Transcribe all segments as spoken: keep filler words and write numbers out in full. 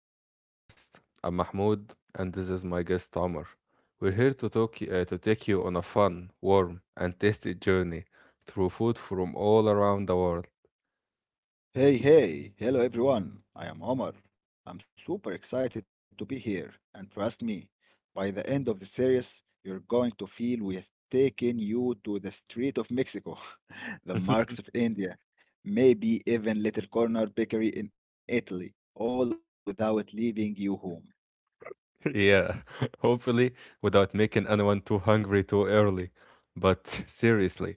to our podcast. I'm Mahmoud and this is my guest Amr. We're here to talk uh, to take you on a fun, warm, and tasty journey through food from all around the world. Hey, hey, hello everyone. I am Omar. I'm super excited to be here, and trust me, by the end of the series, you're going to feel we have taken you to the street of Mexico, the marks of India, maybe even little corner bakery in Italy, all without leaving you home. Yeah, hopefully without making anyone too hungry too early. But seriously,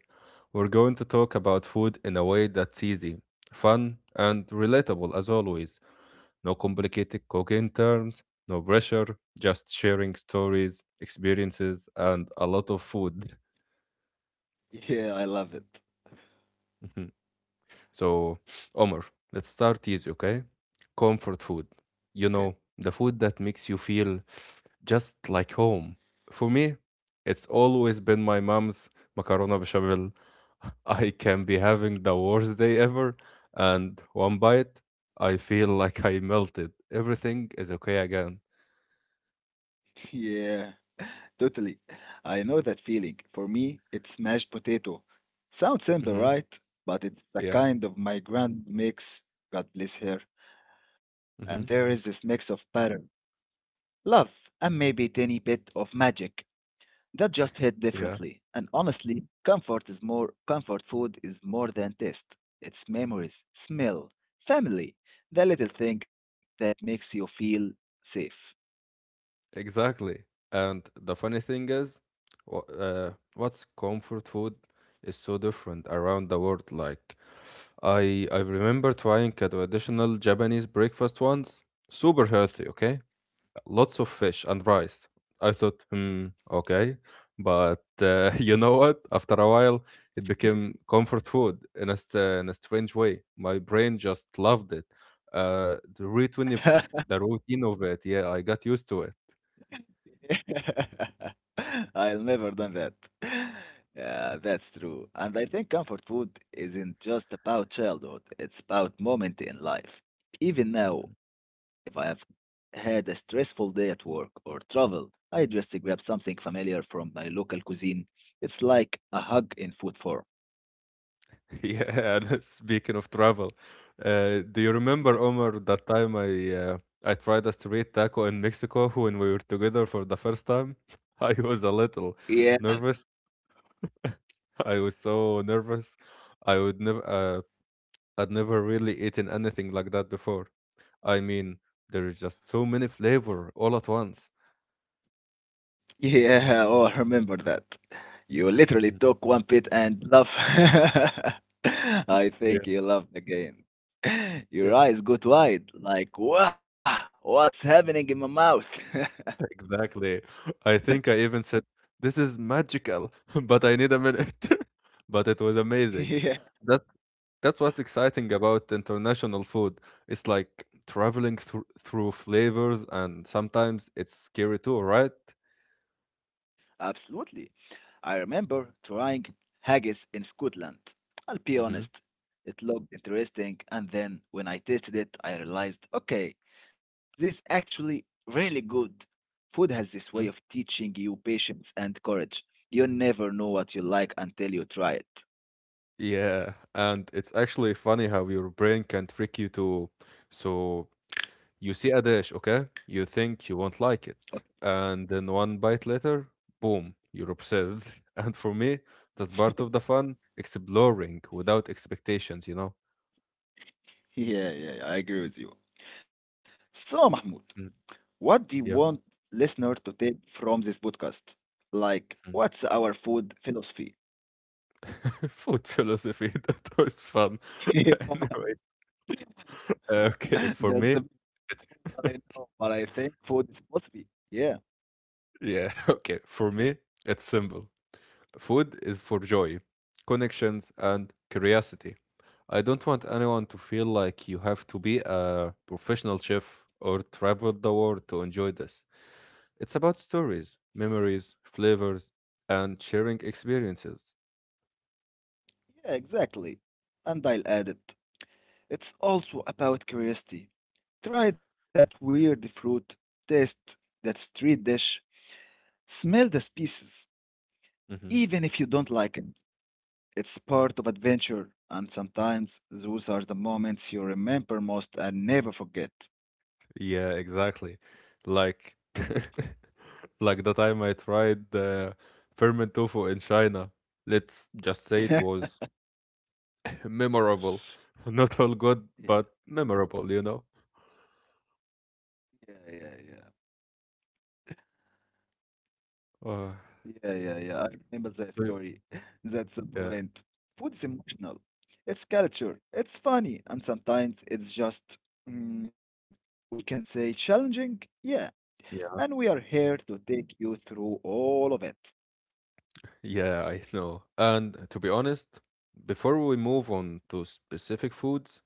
we're going to talk about food in a way that's easy, fun, and relatable as always. No complicated cooking terms, no pressure, just sharing stories, experiences, and a lot of food. Yeah, I love it. So, Omar, let's start easy, okay? Comfort food. Okay. You know, the food that makes you feel just like home. For me, it's always been my mom's macarona bechamel. I can be having the worst day ever, and one bite, I feel like I melted. Everything is okay again. Yeah. Totally. I know that feeling. For me, it's mashed potato. Sounds simple, Hmm. right? But it's a Yeah. kind of my grand mix, God bless her. And there Mm-hmm. is this mix of pattern, love, and maybe a tiny bit of magic that just hit Yeah, differently. And honestly, comfort is more comfort food is more than taste. It's memories, smell, family, the little thing that makes you feel safe. exactly. And the funny thing is, wh- uh, what's comfort food is so different around the world. Like, I I remember trying a traditional Japanese breakfast once, super healthy, okay? Lots of fish and rice. I thought, hmm, okay. But uh, you know what? After a while, it became comfort food in a, st- in a strange way. My brain just loved it. Uh, the routine of, the routine of it, yeah, I got used to it. I'll never done that. Yeah, Yeah. that's true. And I think comfort food isn't just about childhood, it's about moment in life. Even now, Mhm. if I have had a stressful day at work or travel, I just grab something familiar from my local cuisine. It's like a hug in food form. Yeah, speaking of travel, uh, do you remember, Yeah, Omar, that time I uh, I tried a street taco in Mexico when we were together for the first time? I was a little yeah, nervous. I was so nervous. I would never, uh, I'd never really eaten anything like that before. I mean, there's just so many flavor all at once. yeah, oh, I remember that. You literally Mm. took one pit and love. I Yeah. think you love the game. Your eyes got wide, like, wow, what's happening in my mouth? Exactly. I think I even said, "This is magical," but I need a minute. But it was amazing. Yeah, That that's what's exciting about international food. It's like traveling through through flavors, and sometimes it's scary too, right? absolutely. I remember trying haggis in Scotland. I'll be Hmm. honest, it looked interesting, and then when I tasted it, I realized, okay, this is actually really good. Food has this way of teaching you patience and courage. You never know what you like until you try it. Yeah, and it's actually funny how your brain can trick you to, so, you see a dish, okay? You think you won't like it. Okay. And then one bite later, boom, you're obsessed. And for me, that's part of the fun, exploring without expectations, you know? Yeah, yeah, I agree with you. So, Mahmoud, Mm. what do you Yeah. want listener to take from this podcast? Like, Mm. what's our food philosophy? Food philosophy, that was fun. Anyway, uh, okay, for That's the me, big. I know, but I think food is philosophy. Yeah, yeah, okay, for me, it's simple. Food is for joy, connections, and curiosity. I don't want anyone to feel like you have to be a professional chef or travel the world to enjoy this. It's about stories, memories, flavors, and sharing experiences. yeah, exactly. And I'll add it. It's also about curiosity. Try that weird fruit, taste that street dish, smell the species, Mm-hmm. even if you don't like it. It's part of adventure, and sometimes those are the moments you remember most and never forget. Yeah, exactly. Like like the time I tried the ferment tofu in China. Let's just say it was memorable. Not all good, Yeah, but memorable, you know. yeah, yeah, yeah. Uh, Yeah, yeah, yeah. I remember that do- story. That's the yeah, point. Food is emotional. It's culture. It's funny, and sometimes it's just, mm, we can say, challenging. Yeah, yeah, and we are here to take you through all of it. yeah, I know. And to be honest, before we move on to specific foods,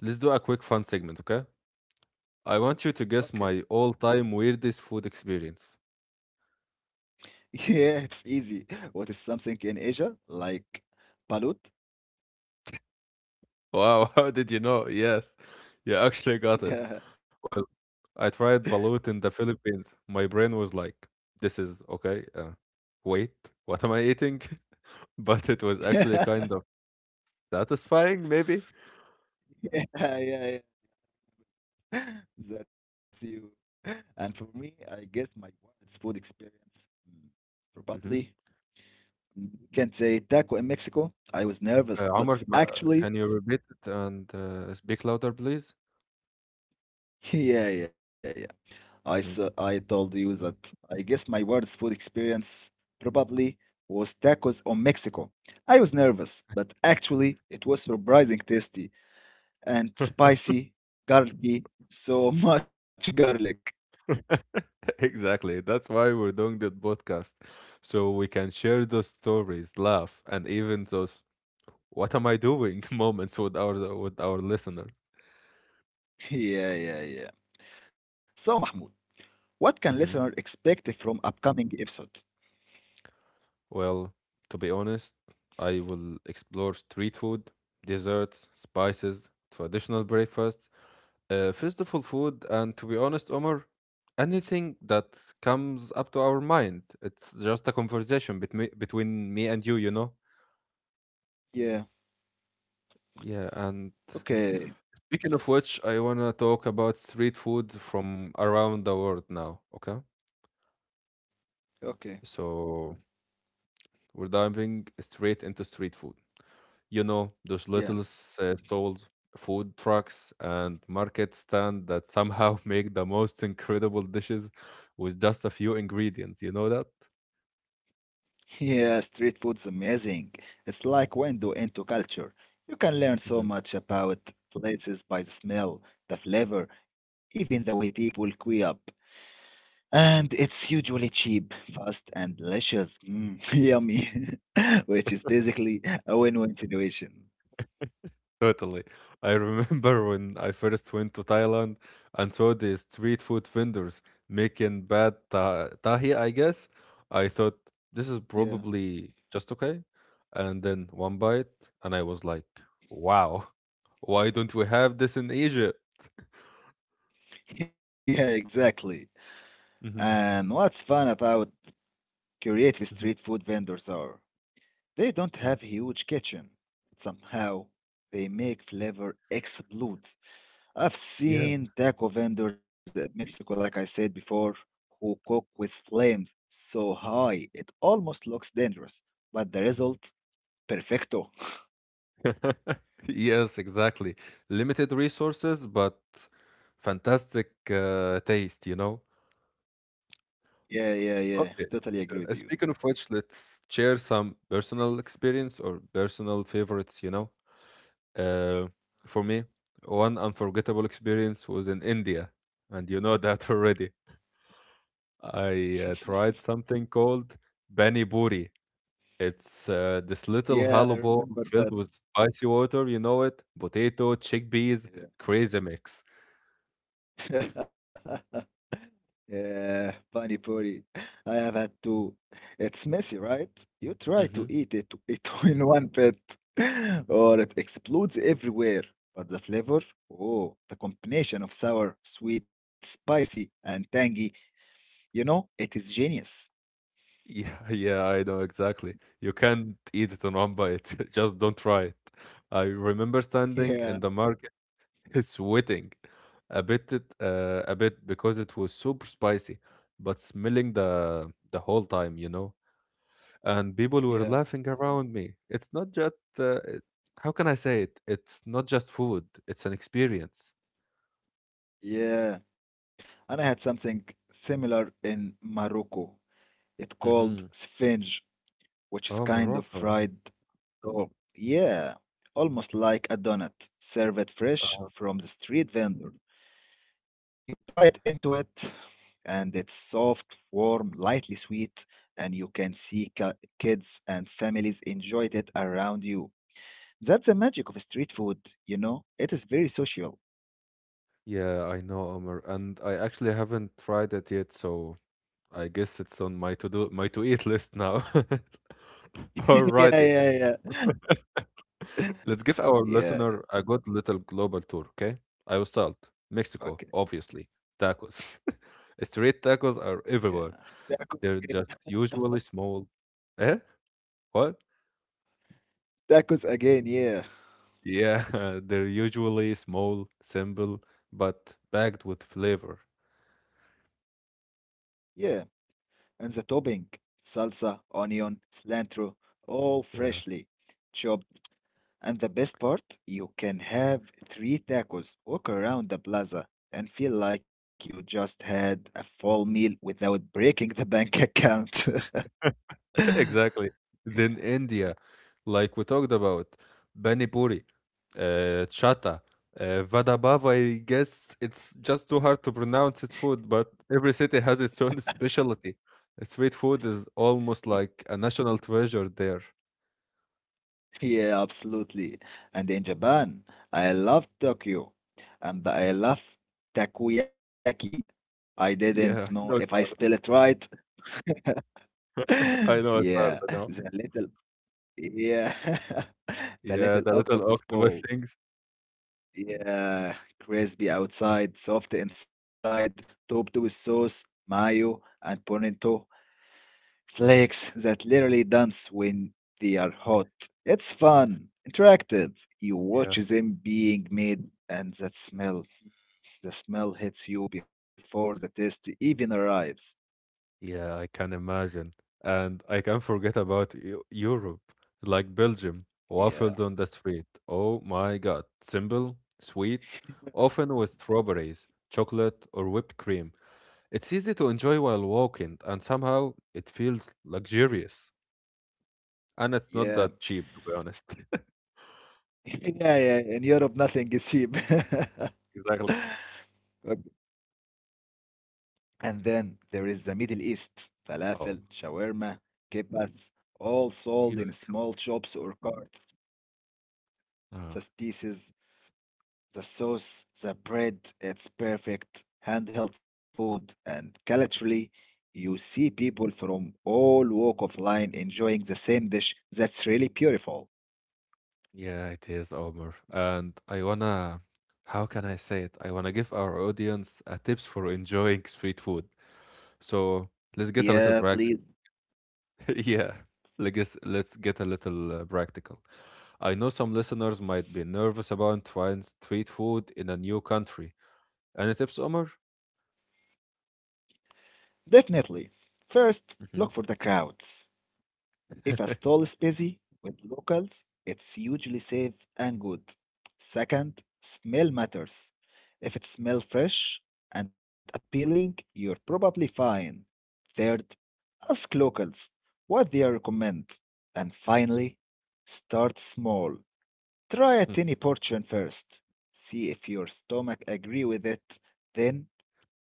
let's do a quick fun segment, okay? I want you to guess Okay. my all-time weirdest food experience. Yeah, it's easy. What is something in Asia like balut? Wow, how did you know? Yes, you actually got it. Yeah, Well, I tried balut in the Philippines. My brain was like, this is okay. Uh, wait, what am I eating? But it was actually yeah, kind of satisfying, maybe. yeah, yeah, yeah. That's you. And for me, I guess my wife's food experience, mm, probably. Hmm. You can say taco in Mexico. I was Uh, nervous, but Omar, s- ma- actually, can you repeat it and uh, speak louder, please? yeah, yeah, yeah. I saw, Mhm. I told you that I guess my worst food experience probably was tacos on Mexico. I was nervous, but actually, it was surprising tasty and spicy, garlicky, so much garlic. Exactly. That's why we're doing that podcast. So we can share those stories, laugh, and even those "What am I doing?" moments with our with our listeners. Yeah, yeah, yeah. So, Mahmoud, what can Mhm. listener expect from upcoming episode? Well, to be honest, I will explore street food, desserts, spices, traditional breakfast, uh, festival food, and to be honest, Omar, anything that comes up to our mind. It's just a conversation between between me and you, you know? Yeah, Yeah, and okay, speaking of which, I wanna talk about street food from around the world now, okay? okay, So we're diving straight into street food. You know, those little yeah. s- uh, stalls, food trucks, and market stand that somehow make the most incredible dishes with just a few ingredients. You know that? Yeah, street food's amazing. It's like window into culture. You can learn so Mhm, much about places by the smell, the flavor, even the way people queue up. And mhm. it's usually cheap, fast, and delicious. Mm, yummy. Which is basically a win-win situation. Totally. I remember when I first went to Thailand and saw the street food vendors making bad ta- tahi, I guess. I thought this is Yeah. probably just okay. And then one bite, and I was like, wow, why don't we have this in Asia? Yeah, exactly. Mhm. And what's fun about creative street food vendors are? They don't Mm. have huge kitchen, but somehow they make flavor explode. I've Yeah. seen taco vendors in Mexico, like I said before, who cook with flames so high it almost looks dangerous, but the result, perfecto. Yes, exactly. Limited resources, but fantastic uh, taste, you know? Yeah, yeah, yeah. Okay. Totally agree with uh, you. Speaking of which, let's share some personal experience or personal favorites, you know? Uh, for me, one unforgettable experience was in India, and you know that already. I uh, tried something called Pani Puri. It's uh, this little Yeah, I hollow ball remember filled with spicy water, you know it? Potato, chickpeas, that. crazy mix. Yeah. Yeah, pani puri. I have had two. It's messy, right? You try to Hmm. eat it it in one bit, or it explodes everywhere. But the flavor, oh, the combination of sour, sweet, spicy, and tangy, you know, it is genius. Yeah, yeah, I know exactly. You can't eat it in one bite. Just don't try it. I remember standing in the Yeah, market sweating a bit, it- uh, a bit because it was super spicy, but smelling the the whole time, you know. And people were yeah, laughing around me. It's not just uh, it- how can I say it? It's not just food; it's an experience. yeah. And I had something similar in Morocco. It Hmm. called sfinge, which is Oh, kind of Morocco. fried. Oh, yeah, almost like a donut, served fresh Uh, from the street vendor. You bite into it, and it's soft, warm, lightly sweet, and you can see ki- kids and families enjoyed it around you. That's the magic of street food, you know? It is very social. yeah, I know, Omar, and I actually haven't tried it yet, so I guess it's on my to do my to eat list now. Yeah, Alrighty, yeah, yeah. let's give our Yeah, listener a good little global tour, okay? I will start. Mexico, okay. obviously. Tacos. Street tacos are Yeah. everywhere. Tacos again. They're just usually small. Eh? What? Tacos again, yeah. Yeah, they're usually small, simple, but packed with flavor. Yeah. And the topping, salsa, onion, cilantro, all Yeah, freshly chopped. And the best part, you can have three tacos, walk around the plaza, and feel like you just had a full meal without breaking the bank account. exactly. Then India, like we talked about, Bani Puri, uh, Chata, uh, Vada Bhava, I guess it's just too hard to pronounce its food, but every city has its own specialty. Street food is Y- almost like a national treasure there. Yeah, absolutely. And in Japan, I love Tokyo, and I love takoyaki. I didn't know Yeah, if I I know it's spell it hard. right. I know it's Yeah, hard, I the know. little Yeah, the Yeah, little the little octopus octopus ball. things. Yeah, crispy outside, soft inside, topped with sauce, mayo, and pimento flakes that literally dance when they are hot. It's fun, interactive. You watch Yeah. them being made, and that smell, the smell hits you before the taste even arrives. Yeah, I can imagine. And I can't forget about Eu- Europe, like Belgium, waffles Yeah, on the street. Oh my God. Simple, sweet, often with strawberries, chocolate, or whipped cream. It's easy to enjoy while walking, and somehow it feels luxurious. And it's not yeah, that cheap, to be honest. yeah, yeah. In Europe, nothing is cheap. Exactly. And then there is the Middle East, falafel, Oh, shawarma, kibbas, all sold you. in small shops or carts. The spices, the sauce, the bread, it's perfect handheld food. And culturally, you see people from all walk of life enjoying the same dish. That's really beautiful. Yeah, it is, Omar. And I wanna, how can I say it? I wanna give our audience a tips for enjoying street food. So let's get a little Yeah, practical. please. Yeah, let's let's get a little uh, practical. I know some listeners might be nervous about trying street food in a new country. Any tips, Omar? Definitely. First, Hmm. look for the crowds. If a stall is busy with locals, it's usually safe and good. Second, smell matters. If it smells fresh and appealing, you're probably fine. Third, ask locals what they recommend. And finally, start small. Try a tiny portion first. See if your stomach agree with it, then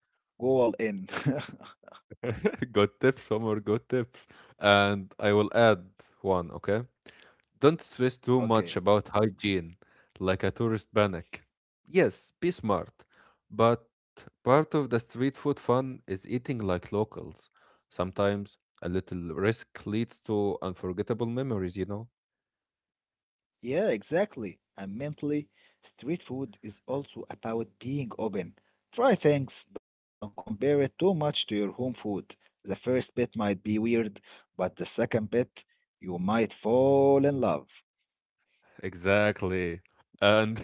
go all in. Good tips, Omar. Good tips. And I will add one. Okay. Don't stress too Okay. much about hygiene, like a tourist panic. Yes, be smart, but part of the street food fun is eating like locals. Sometimes a little risk leads to unforgettable memories, you know? Yeah, exactly. And mentally, street food is also about being open. Try things, don't compare it too much to your home food. The first bit might be weird, but the second bit, you might fall in love. Exactly. And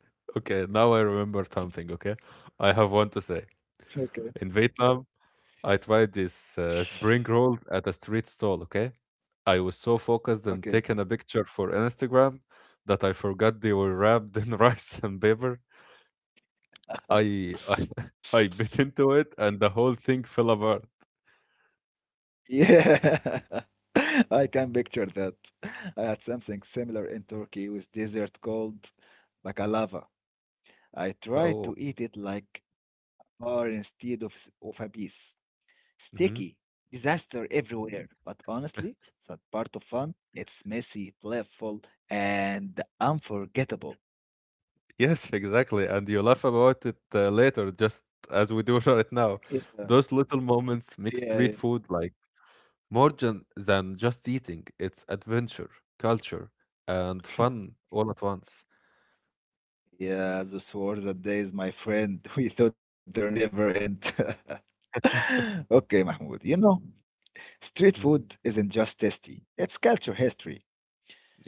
okay, now I remember something, okay? I have one to say. Okay, In Vietnam, I tried this uh, spring roll at a street stall, okay? I was so focused on okay. taking a picture for Instagram that I forgot they were wrapped in rice and paper. I I, I bit into it and the whole thing fell apart. Yeah, I can picture that. I had something similar in Turkey with dessert called baklava. I tried to Oh, eat it like a bar instead of, s- of a piece. Sticky, hmm, disaster everywhere. But honestly, that part of fun, it's messy, playful, and unforgettable. yes, exactly. And you laugh about it uh, later, just as we do right Yeah, now. Those little moments make yeah, street food like more than, than just eating. It's adventure, culture, and fun all at once. yeah. The sword that days, my friend. We thought they're never end. Okay, Mahmoud. You know, street Hmm. food isn't just tasty. It's culture, history.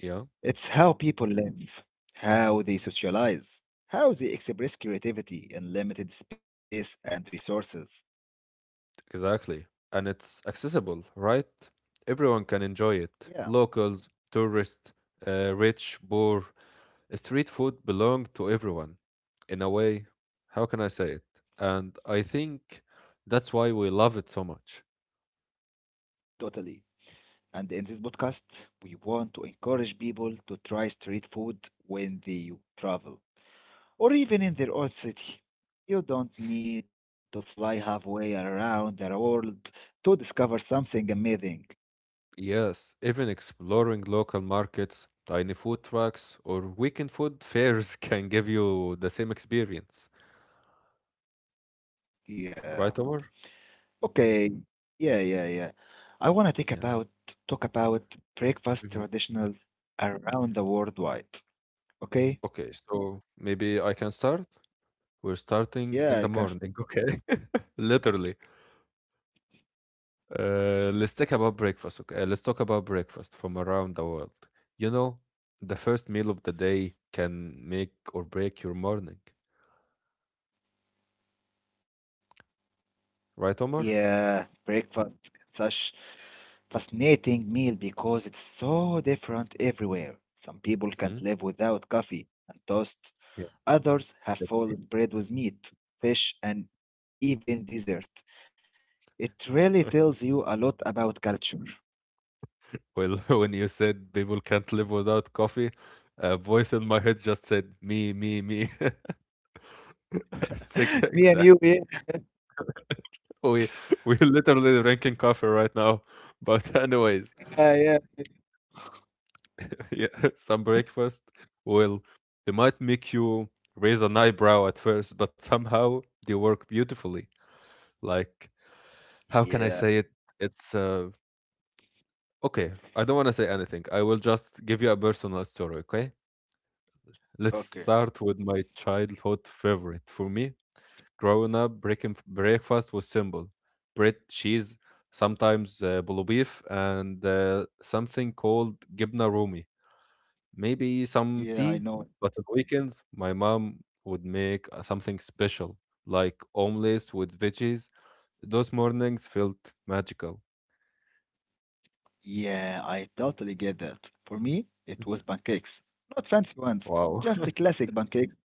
Yeah. It's how people live, how they socialize, how they express creativity in limited space and resources. Exactly. And it's accessible, right? Everyone can enjoy it. Yeah, Locals, tourists, uh, rich, poor. uh, Street food belongs to everyone. In a way, how can I say it? And I think that's why we love it so much. totally. And in this podcast, we want to encourage people to try street food when they travel or even in Mhm. their own city. You don't need to fly halfway around the world to discover something amazing. Yes, even exploring local markets, tiny food trucks, or weekend food fairs can give you the same experience. Yeah. Right, Omar? Okay. Yeah, yeah, yeah. I want to take Yeah. about talk about breakfast Mhm. traditional around the worldwide. Okay? Okay, so maybe I can start? We're starting in Yeah, the I can. s- morning, okay? Literally. Uh, let's talk about breakfast, okay? Let's talk about breakfast from around the world. You know, the first meal of the day can make or break your morning, right, Omar? Yeah, breakfast such fascinating meal because it's so different everywhere. Some people can't Hmm. live without coffee and toast. Yeah, Others have that's me. full bread with meat, fish, and even dessert. It really tells you a lot about culture. Well, when you said people can't live without coffee, a voice in my head just said, "Me, me, me." It's like, Me and exactly. you, We we're literally drinking coffee right now. But anyways. yeah, yeah. Yeah, some breakfast will they might make you raise an eyebrow at first, but somehow they work beautifully. Like, how Yeah, can I say it? It's uh, okay. I don't want to say anything. I will just give you a personal story. Okay, let's okay. start with my childhood favorite. For me, growing up, breaking breakfast was simple: bread, cheese, sometimes uh, bulgogi beef, and uh, something called gibna rumi. Maybe some Yeah, I tea, know. but on weekends, my mom would make uh, something special, like omelets with veggies. Those mornings felt magical. Yeah, I totally get that. For me, it was pancakes. Not fancy ones, Wow. just the classic pancakes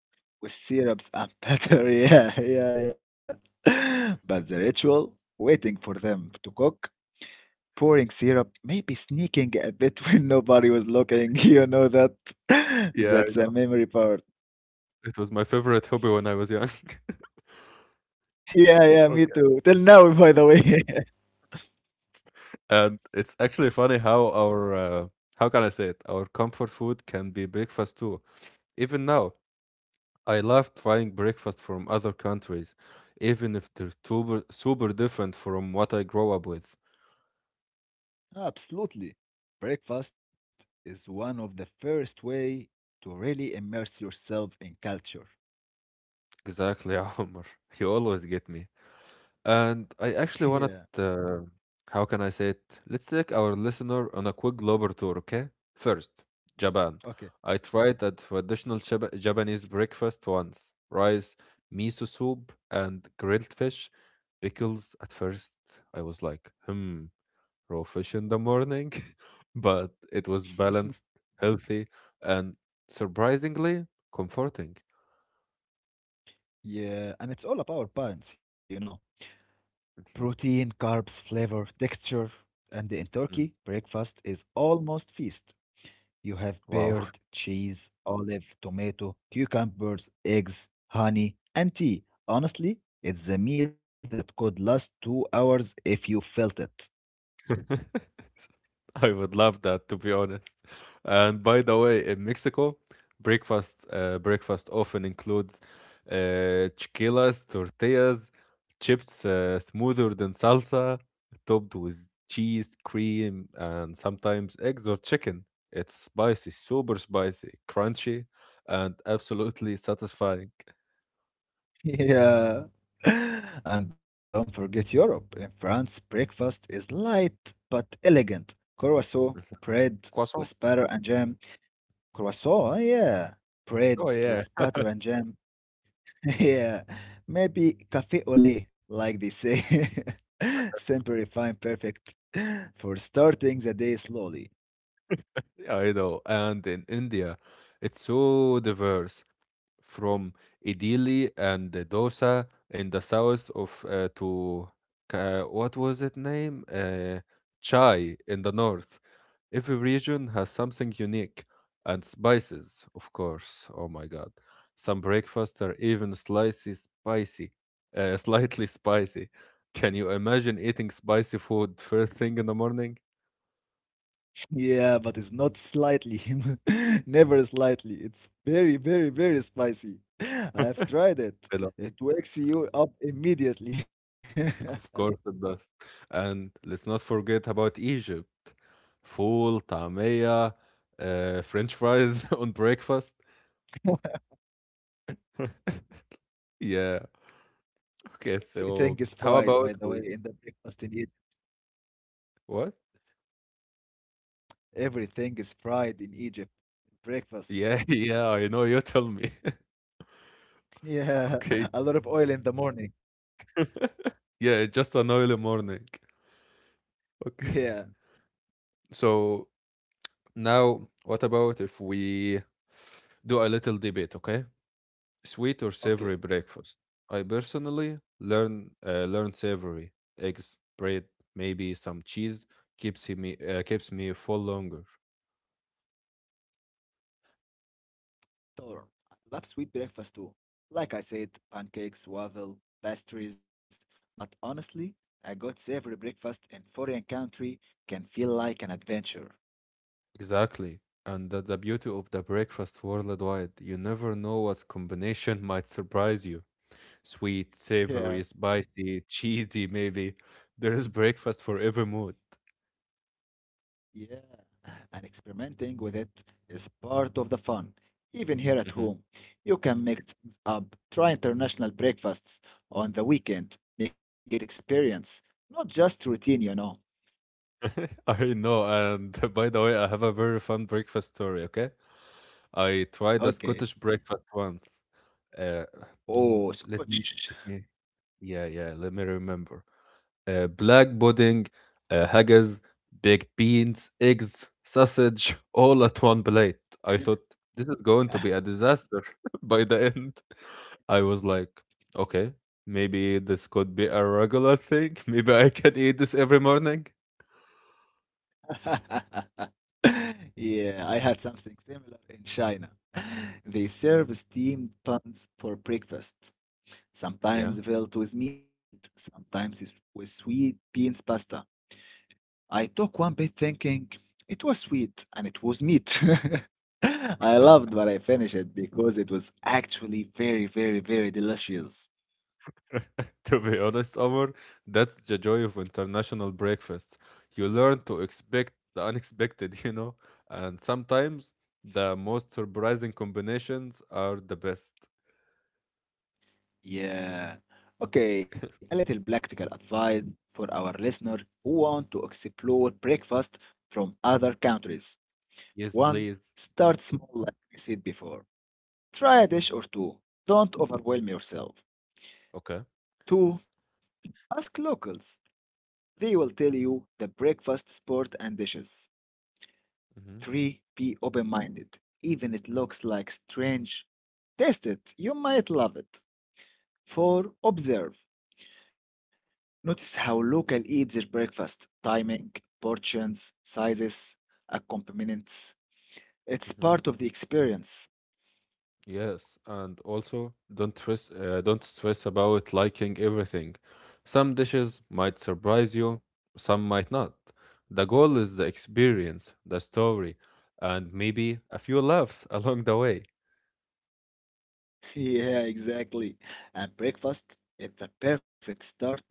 with syrups and pepper. Yeah, yeah, yeah. But the ritual, waiting for them to cook, pouring syrup, maybe sneaking a bit when nobody was looking, you know that. Yeah, I That's a know. memory part. It was my favorite hobby when I was young. Yeah, yeah, me Okay. too. Till now, by the way. And it's actually funny how our uh, how can I say it? Our comfort food can be breakfast too. Even now, I love trying breakfast from other countries, even if they're super super different from what I grow up with. Absolutely. Breakfast is one of the first way to really immerse yourself in culture. Exactly, Omar. You always get me. And I actually wanted, Yeah. uh, how can I say it? Let's take our listener on a quick global tour, okay? First, Japan. Okay. I tried a traditional Jap- Japanese breakfast once, rice, miso soup, and grilled fish. Pickles, at first, I was like, hmm, raw fish in the morning. But it was balanced, healthy, and surprisingly comforting. Yeah, and it's all about parents, you know. Mhm. Protein, carbs, flavor, texture, and in Turkey, Mm. breakfast is almost feast. You have Wow. paired cheese, olive, tomato, cucumbers, eggs, honey, and tea. Honestly, it's a meal that could last two hours if you felt it. I would love that, to be honest. And by the way, in Mexico, breakfast uh, breakfast often includes uh, chiquilas, tortillas, chips, uh, smoother than salsa, topped with cheese, cream, and sometimes eggs or chicken. It's spicy, super spicy, crunchy, and absolutely satisfying. Yeah. And don't forget Europe. In France, breakfast is light but elegant. Croissant, bread with Croissant. butter and jam. Croissant, yeah. Oh Bread yeah, with butter and jam. Yeah, maybe cafe au lait, like they say. Simple, refined, perfect for starting the day slowly. yeah, I know. And in India, it's so diverse, from idili and the dosa in the south of uh, to Ka- what was it name, uh, chai in the north. Every region has something unique, and spices of course, oh my god. Some breakfasts are even slightly spicy, uh, slightly spicy. Can you imagine eating spicy food first thing in the morning? Yeah, but it's not slightly, never slightly. It's very, very, very spicy. I've tried it. It wakes you up immediately. Of course it does. And let's not forget about Egypt. Full طعمية, uh, French fries on breakfast. Yeah. Okay, Everything is so fried, by how the way, about in the we, breakfast in Egypt. what? Everything is fried in Egypt. Breakfast. Yeah, yeah, I know, you tell me. Yeah, Okay. a lot of oil in the morning. Yeah, just an early morning. Yeah, Okay. So now what about if we do a little debate, okay? Sweet or savory okay. breakfast? I personally learn uh, learn savory. Eggs, bread, maybe some cheese keeps me, uh, keeps me full longer. Sure. I love sweet breakfast too. Like I said, pancakes, waffle, pastries. But honestly, a good savory breakfast in foreign country can feel like an adventure. Exactly. And that the beauty of the breakfast worldwide. You never know what combination might surprise you. Sweet, Yeah. savory, spicy, cheesy, maybe. There is breakfast for every mood. Yeah, and experimenting with it is part of the fun. Even here at Mhm. home, you can mix things up, try international breakfasts on the weekend, make it experience, not just routine, you know. I know. And by the way, I have a very fun breakfast story, okay? I tried a Okay. Scottish breakfast once. Uh, Oh, let me let scotch. me yeah yeah, let me remember. Uh, black pudding, uh, haggis, baked beans, eggs, sausage, all at one plate. I thought this is going to be a disaster by the end. I was like, okay, maybe this could be a regular thing. Maybe I can eat this every morning. Yeah, I had something similar in China. They serve steamed buns for breakfast, Yeah. sometimes filled with meat, sometimes with with sweet beans pasta. I took one bit thinking it was sweet and it was meat. I loved but I finished it because it was actually very, very, very delicious. To be honest, Omar, that's the joy of international breakfast. You learn to expect the unexpected, you know, and sometimes the most surprising combinations are the best. Yeah. Okay, a little practical advice for our listener who want to explore breakfast from other countries. Yes, One, please. start small like I said before. Try a Mhm. dish or two. Don't overwhelm yourself. Okay. Two, ask locals. They will tell you the breakfast sport and dishes. Three, be open-minded. Even it looks like strange. Taste it. You might love it. Four, observe. Notice how local Mm-hmm. eat their breakfast, timing, portions, sizes, accompaniments. It's part of the experience. Yes, and also don't stress, uh, don't stress about liking everything. Some dishes might surprise you, some might not. The goal is the experience, the story, and maybe a few laughs along the way. Yeah, exactly. And breakfast is the perfect start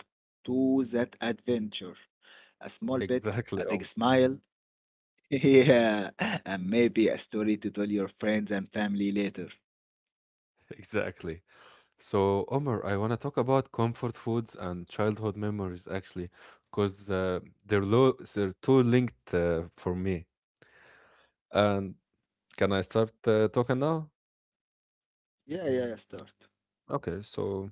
to that adventure. A small bit, a big Exactly, um, smile. Yeah, and maybe a story to tell your friends and family later. exactly. So, Omar, I want to talk about comfort foods and childhood memories actually, because uh, they're low, they're too linked uh, for me. And can I start uh, talking now? Yeah, yeah, yeah, start. Okay, so,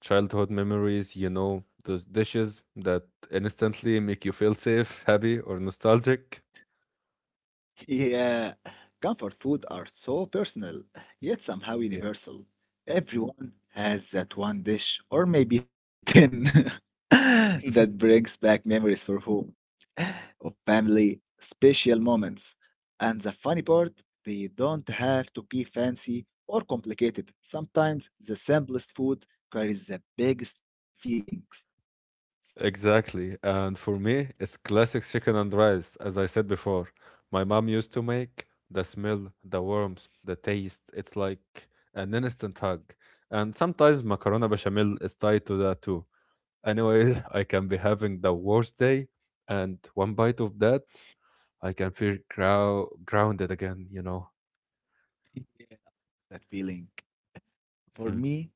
childhood memories, you know, those dishes that instantly make you feel safe, happy, or nostalgic. Yeah, comfort food are so personal, yet somehow Yeah. universal. Everyone has that one dish, or maybe ten, that brings back memories for whom? Of family, special moments. And the funny part, they don't have to be fancy or complicated. Sometimes the simplest food carries the biggest feelings. Exactly. And for me, it's classic chicken and rice, as I said before. My mom used to make the smell, the warmth, the taste. It's like an instant hug. And sometimes macarona bechamel is tied to that too. Anyway, I can be having the worst day, and one bite of that, I can feel grow grounded again, you know. That feeling, for Mhm. me,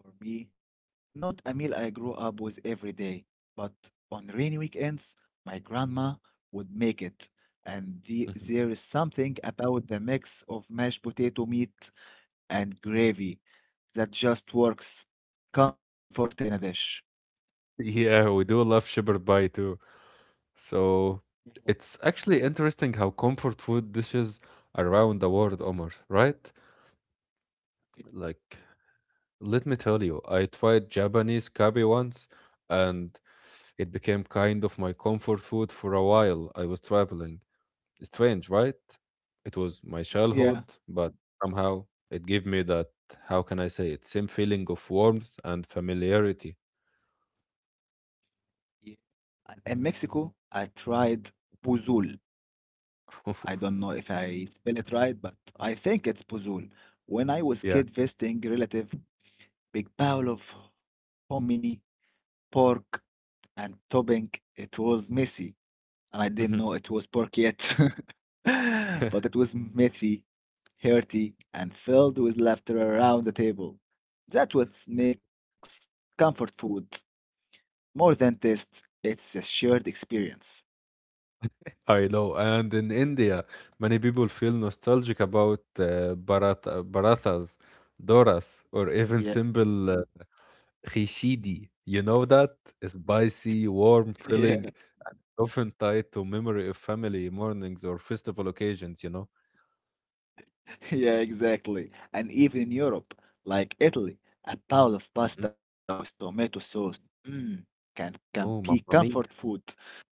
for me, not a meal I grew up with every day, but on rainy weekends, my grandma would make it. And the, there is something about the mix of mashed potato meat and gravy that just works. Comfort in a dish. Yeah, we do love shepherd pie too. So it's actually interesting how comfort food dishes are around the world, Omar, right? Like, let me tell you, I tried Japanese curry once, and it became kind of my comfort food for a while I was traveling. Strange, right? It was my Yeah. childhood, but somehow it gave me that, how can I say it, same feeling of warmth and familiarity. Yeah. And in Mexico, I tried pozole. I don't know if I spell it right, but I think it's pozole. When I was Yeah. kid visiting relative, big bowl of hominy, pork, and topping, it was messy and I didn't know Mhm. it was pork yet. But it was messy, hearty, and filled with laughter around the table. That's what makes comfort food more than taste. It's a shared experience. I know. And in India, many people feel nostalgic about uh, barata, barathas, doras, or even Yeah. simple uh, khichdi. You know that? Spicy, warm, Yeah, filling, often tied to memory of family mornings or festival occasions, you know? yeah, exactly. And even in Europe, like Italy, a bowl of Mhm. pasta with tomato sauce, mm, can can be Oh, mamma comfort mia. food.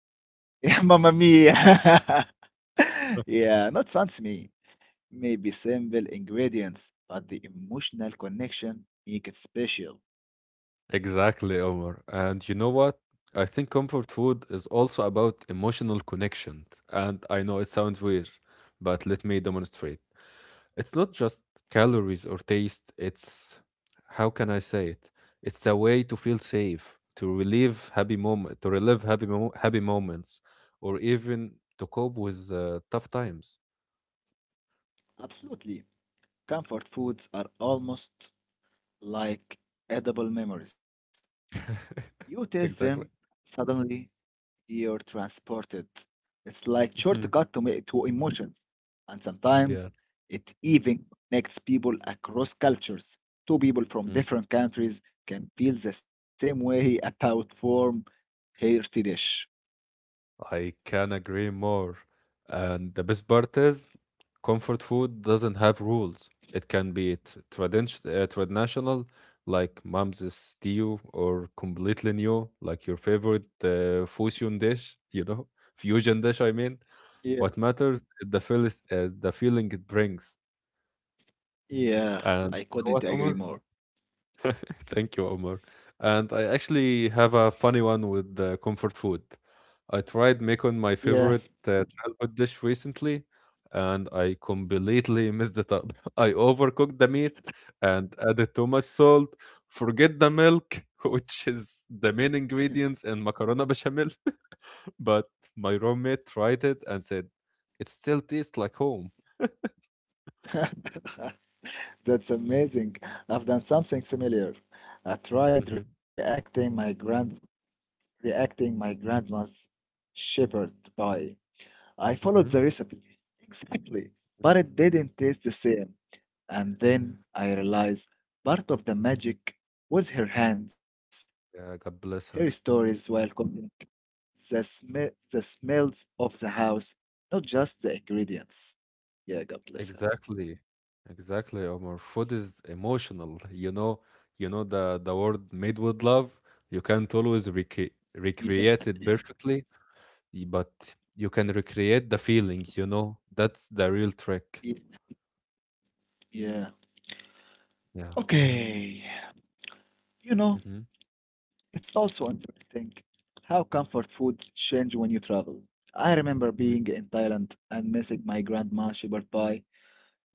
Yeah, mamma mia. Yeah, not fancy me. Maybe simple ingredients, but the emotional connection make it special. Exactly, Omar. And you know what? I think comfort food is also about emotional connection. And I know it sounds weird, but let me demonstrate. It's not just calories or taste, it's how can I say it? It's a way to feel safe, to relieve happy moment, to relive happy mo- happy moments, or even to cope with uh, tough times. Absolutely. Comfort foods are almost like edible memories. You taste them, Exactly. suddenly you're transported. It's like Mhm. shortcut to, me- to emotions. And Yeah. sometimes it even connects people across cultures. Two people from Mhm. different countries can feel the same way about warm, hearty dish. I can agree more. And the best part is, comfort food doesn't have rules. It can be t- tradition- uh, traditional, like mom's stew, or completely new, like your favorite uh, fusion dish, you know, fusion dish, I mean. Yeah, What matters is the, feel- is the feeling it brings. yeah, And I you know couldn't what, agree Omar? more. Thank you, Omar. And I actually have a funny one with uh, comfort food. I tried making my Yeah, favorite uh, childhood dish recently, and I completely messed it up. I overcooked the meat and added too much salt. Forget the milk, which is the main ingredients in macarona bechamel. But my roommate tried it and said, "It still tastes like home." that's amazing. I've done something similar. I tried Hmm. reacting my grand reacting my grandma's shepherd pie. I followed the Hmm. recipe exactly, but it didn't taste the same. And then I realized part of the magic was her hands, Yeah, God her bless her. stories while cooking, the sm- the smells of the house, not just the ingredients. Yeah, God bless her. Exactly. Exactly, Omar. Food is emotional. You know, you know the the word made with love, you can't always recre Yeah, yeah, recreate it perfectly, y- but you can recreate the feelings, you know. That's the real trick. yeah. Yeah. Yeah. Okay. You know, Mm-hmm. it's also interesting how comfort food change when you travel. I remember being in Thailand and missing my grandma shepherd pie,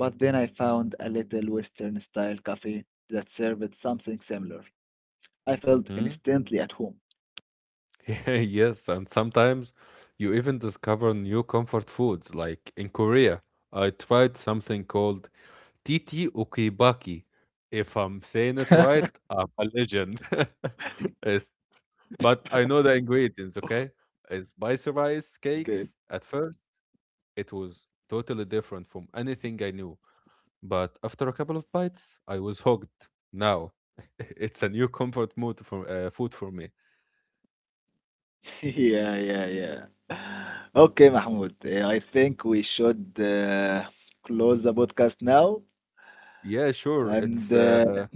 but then I found a little Western style cafe that served something similar. I felt Mm-hmm. instantly at home. Yes, and sometimes you even discover new comfort foods. Like in Korea, I tried something called Titi Ukibaki. If I'm saying it right, I'm a legend. It's- but I know the ingredients, okay? It's spicy rice Okay. cakes. At first, it was totally different from anything I knew. But after a couple of bites, I was hooked. Now, it's a new comfort food for, uh, food for me. Yeah, yeah, yeah. Okay, Mahmoud. eh, I think we should uh, close the podcast now Yeah, sure. and It's uh, uh,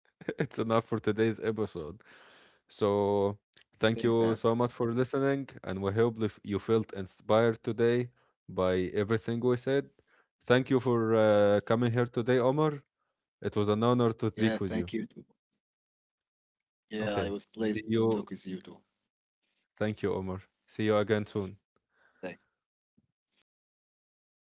it's enough for today's episode. So, think thank that. you so much for listening, and we hope if you felt inspired today by everything we said. Thank you for uh, coming here today, Omar. It was an honor to speak Yeah, with you. thank you too. Yeah, I was Okay. pleased to See talk with you you. too. Thank you, Omar. See you again soon. Thanks. Okay.